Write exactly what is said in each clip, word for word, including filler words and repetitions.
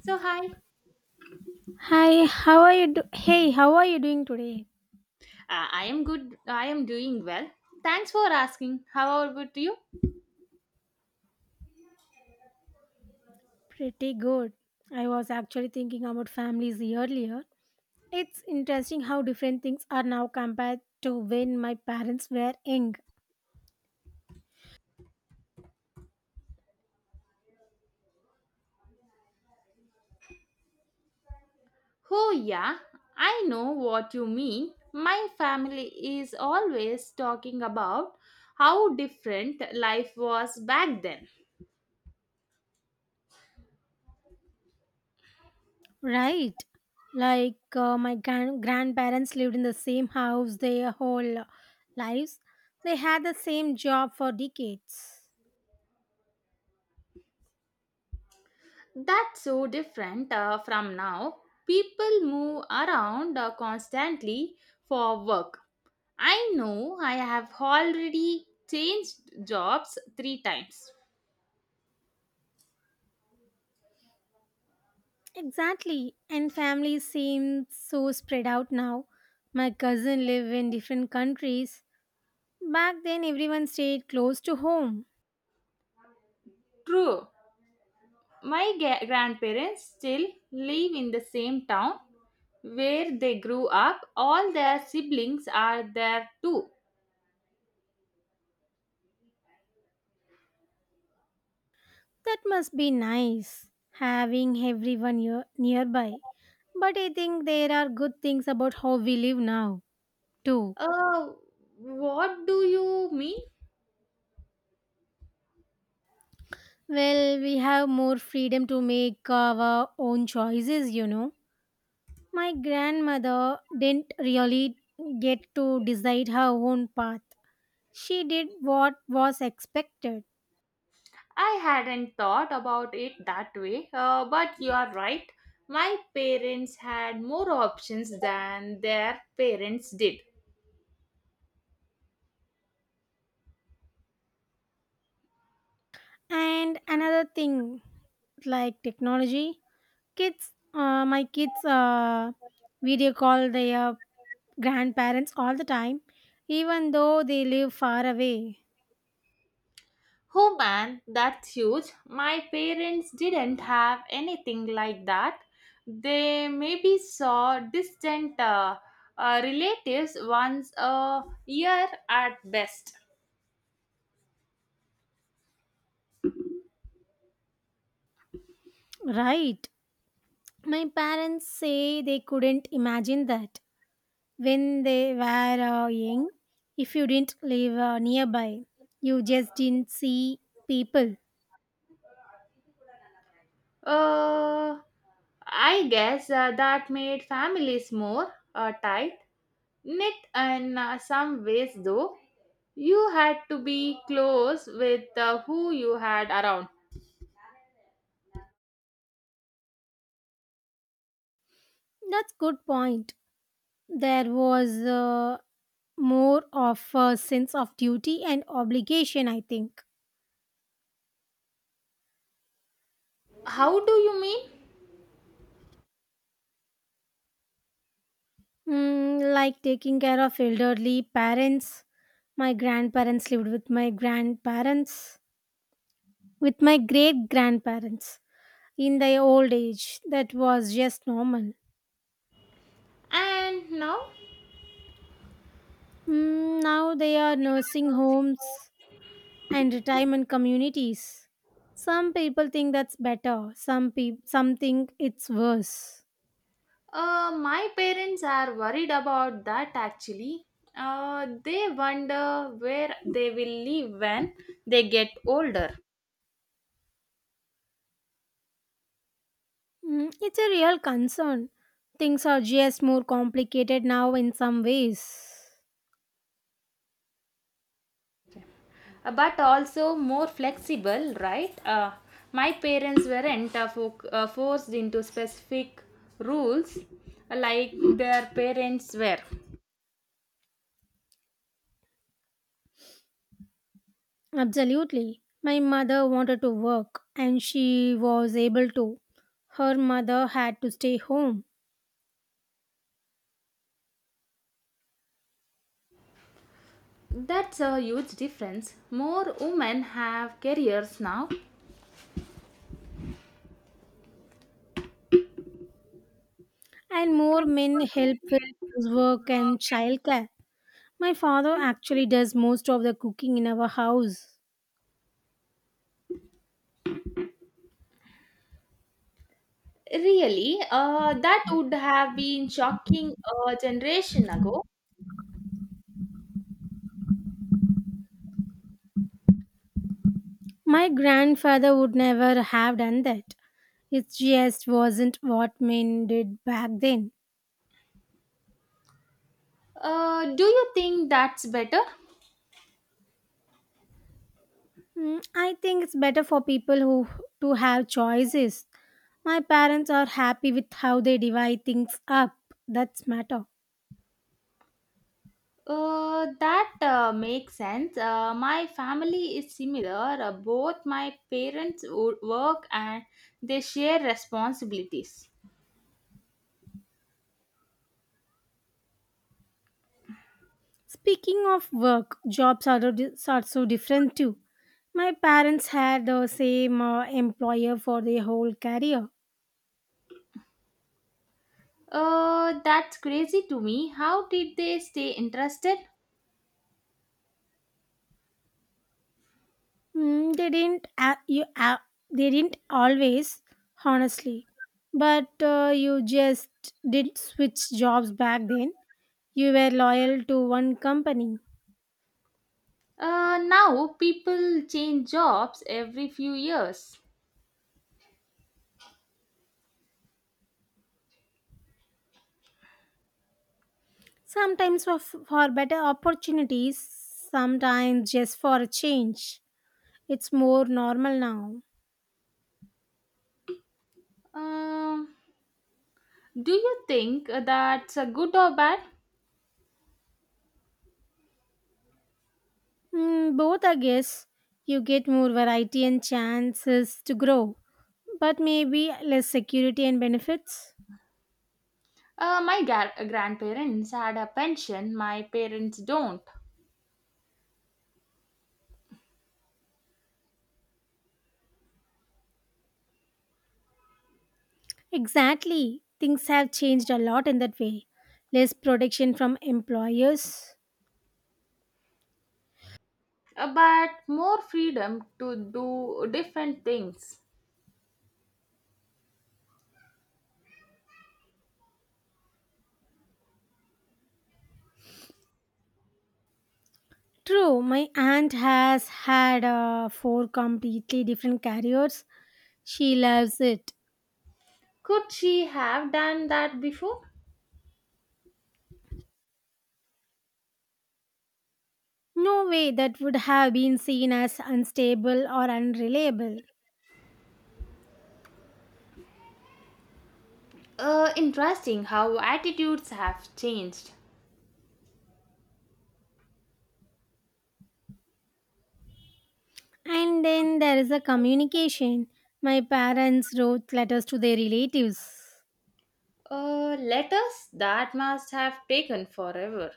So, hi, Hi, how are you? Do- hey, how are you doing today? uh, I am good. I am doing well. Thanks for asking. How about you? Pretty good. I was actually thinking about families earlier. It's interesting how different things are now compared to when my parents were young, Oh, yeah, I know what you mean. My family is always talking about how different life was back then. right? Like uh, my gran- grandparents lived in the same house their whole lives. They had the same job for decades. That's so different uh, from now. People move around uh, constantly for work. I know I have already changed jobs three times. Exactly, and families seem so spread out now. My cousin live in different countries. Back then, everyone stayed close to home. True. My ga- grandparents still live in the same town where they grew up. All their siblings are there too. That must be nice, having everyone near- nearby. But I think there are good things about how we live now, too. Uh, what do you mean? Well, we have more freedom to make our own choices, you know. My grandmother didn't really get to decide her own path. She did what was expected. I hadn't thought about it that way, uh, but you are right. My parents had more options than their parents did. And another thing, like technology, kids uh, my kids uh, video call their grandparents all the time even though they live far away. Oh man, that's huge. My parents didn't have anything like that. They maybe saw distant uh, uh, relatives once a year at best. Right, my parents say they couldn't imagine that when they were uh, young. If you didn't live uh, nearby, you just didn't see people. Uh, I guess uh, that made families more uh, tight knit in uh, some ways, though. You had to be close with uh, who you had around. That's good point. There was uh, more of a sense of duty and obligation, I think. How do you mean? Mm, like taking care of elderly parents. My grandparents lived with my grandparents, With my great grandparents in their old age. That was just normal. And now, Mm, now they are nursing homes and retirement communities. Some people think that's better, some, people some think it's worse. uh, my parents are worried about that actually. Uh, they wonder where they will live when they get older. Mm, it's a real concern. Things are just more complicated now in some ways. Uh, but also more flexible, right? Uh, my parents weren't uh, fo- uh, forced into specific rules like their parents were. Absolutely. My mother wanted to work and she was able to. Her mother had to stay home, That's a huge difference. More women have careers now. and more men help with housework and childcare. My father actually does most of the cooking in our house. Really, uh, that would have been shocking a generation ago. My grandfather would never have done that. It just wasn't what men did back then. Uh, do you think that's better? Mm, I think it's better for people who to have choices. My parents are happy with how they divide things up. That's matter. Uh, that uh, makes sense. Uh, my family is similar. Uh, both my parents wo- work and they share responsibilities. Speaking of work, jobs are, di- are so different too. My parents had the same uh, employer for their whole career. Uh, that's crazy to me. How did they stay interested? Mm, they didn't a- you a- they didn't always, honestly. But uh, you just did switch jobs back then. You were loyal to one company. Uh, now people change jobs every few years. Sometimes for, for better opportunities, sometimes just for a change. It's more normal now. Um, do you think uh, that's a good or bad? Mm, both, I guess. You get more variety and chances to grow, but maybe less security and benefits. Uh, my gar- grandparents had a pension, my parents don't. Exactly. Things have changed a lot in that way. Less protection from employers. Uh, but more freedom to do different things. True, my aunt has had uh, four completely different careers. She loves it. Could she have done that before? No way that would have been seen as unstable or unreliable. Uh, interesting how attitudes have changed. And then there is a communication. My parents wrote letters to their relatives. Uh, letters that must have taken forever.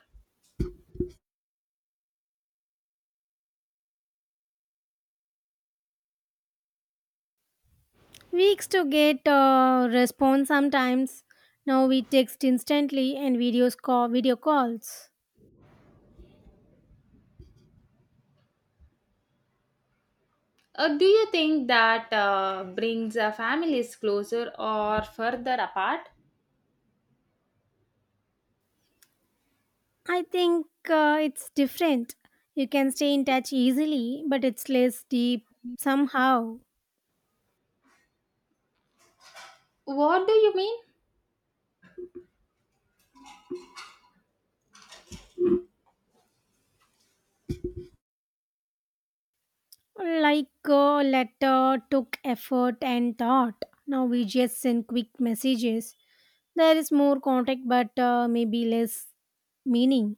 Weeks to get a response sometimes. Now we text instantly and videos call video calls. Uh, do you think that uh, brings uh, families closer or further apart? I think uh, it's different. You can stay in touch easily, but it's less deep somehow. What do you mean? Like a letter took effort and thought. Now we just send quick messages. There is more contact, but uh, maybe less meaning.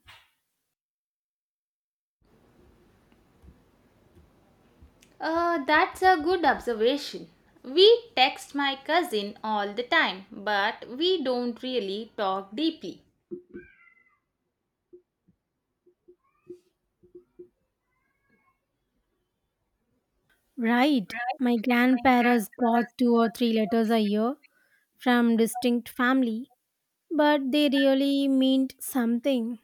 Uh, that's a good observation. We text my cousin all the time, but we don't really talk deeply. Right. My grandparents got two or three letters a year from distinct family, but they really meant something.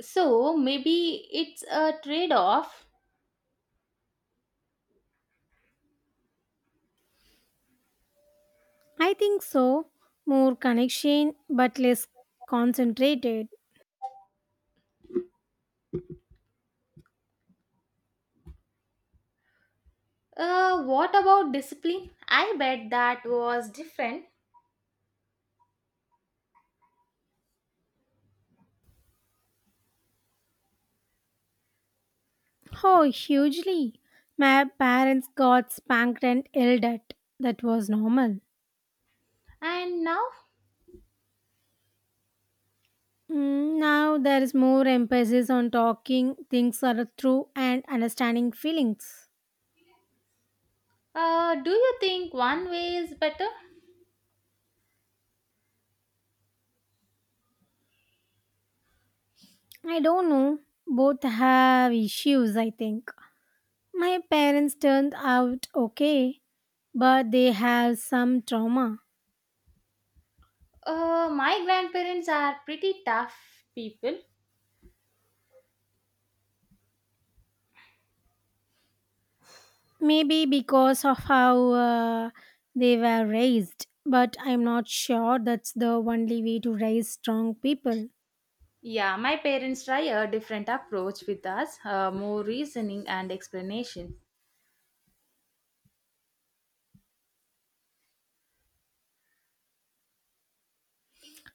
So maybe it's a trade off. I think so. More connection, but less concentrated. Uh, what about discipline? I bet that was different. Oh, hugely. My parents got spanked and yelled at. That was normal. And now, Mm, now there is more emphasis on talking things are through and understanding feelings. uh, do you think one way is better? I don't know. Both have issues, I think. My parents turned out okay, but they have some trauma. Uh, my grandparents are pretty tough people. Maybe because of how uh, they were raised, but I'm not sure that's the only way to raise strong people. Yeah, my parents try a different approach with us, uh, more reasoning and explanation.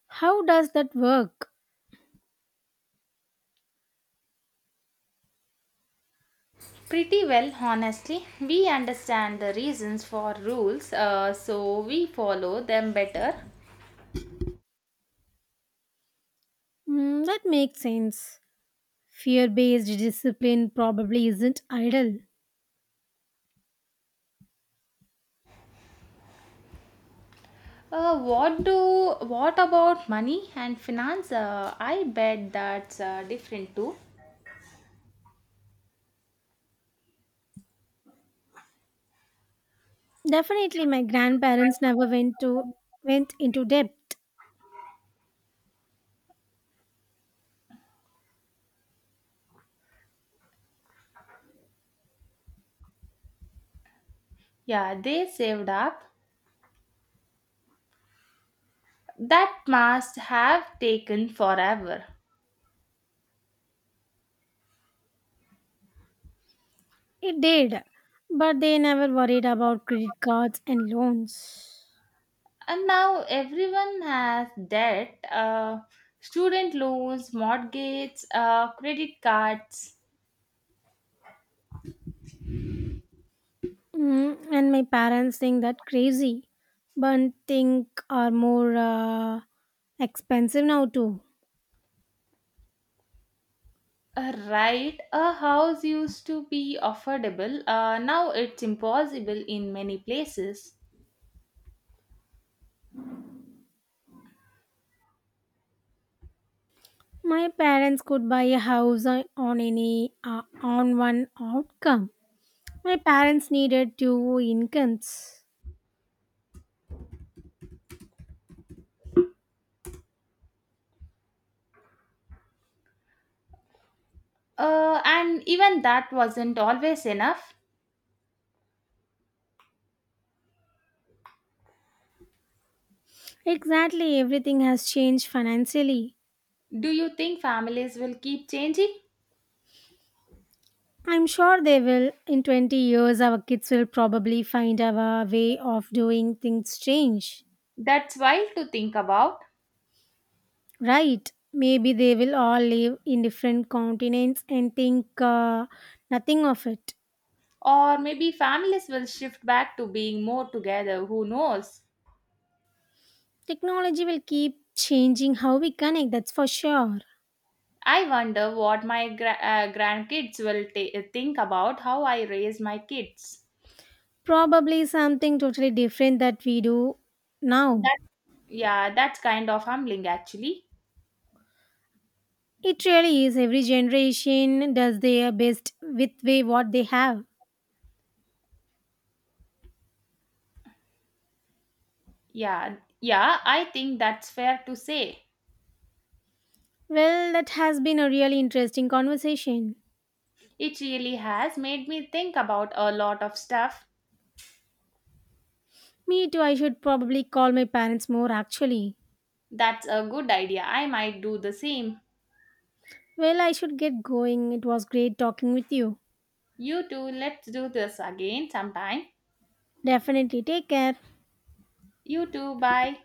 How does that work? Pretty well, honestly. We understand the reasons for rules, uh, so we follow them better. Mm, that makes sense. Fear based discipline probably isn't ideal. Uh, what do what about money and finance? Uh, I bet that's uh, different too. Definitely, my grandparents never went to went into debt. Yeah, they saved up. That must have taken forever. It did, but they never worried about credit cards and loans. And now everyone has debt, uh, student loans, mortgages, uh, credit cards. Mm, and my parents think that crazy, but think are more uh, expensive now too. Uh, Right, a house used to be affordable. Uh, now it's impossible in many places. My parents could buy a house on on any uh, on one outcome. My parents needed two incomes. Uh, and even that wasn't always enough. Exactly, everything has changed financially. Do you think families will keep changing? I'm sure they will. In twenty years, our kids will probably find our way of doing things change. That's wild to think about. Right. Maybe they will all live in different continents and think uh, nothing of it. Or maybe families will shift back to being more together. Who knows? Technology will keep changing how we connect, that's for sure. I wonder what my gra- uh, grandkids will ta- think about how I raise my kids. Probably something totally different that we do now. That yeah, that's kind of humbling actually. It really is. Every generation does their best with way what they have. Yeah, yeah, I think that's fair to say. Well, that has been a really interesting conversation. It really has made me think about a lot of stuff. Me too, I should probably call my parents more actually. That's a good idea. I might do the same. Well, I should get going. It was great talking with you. You too, let's do this again sometime. Definitely take care. You too, bye.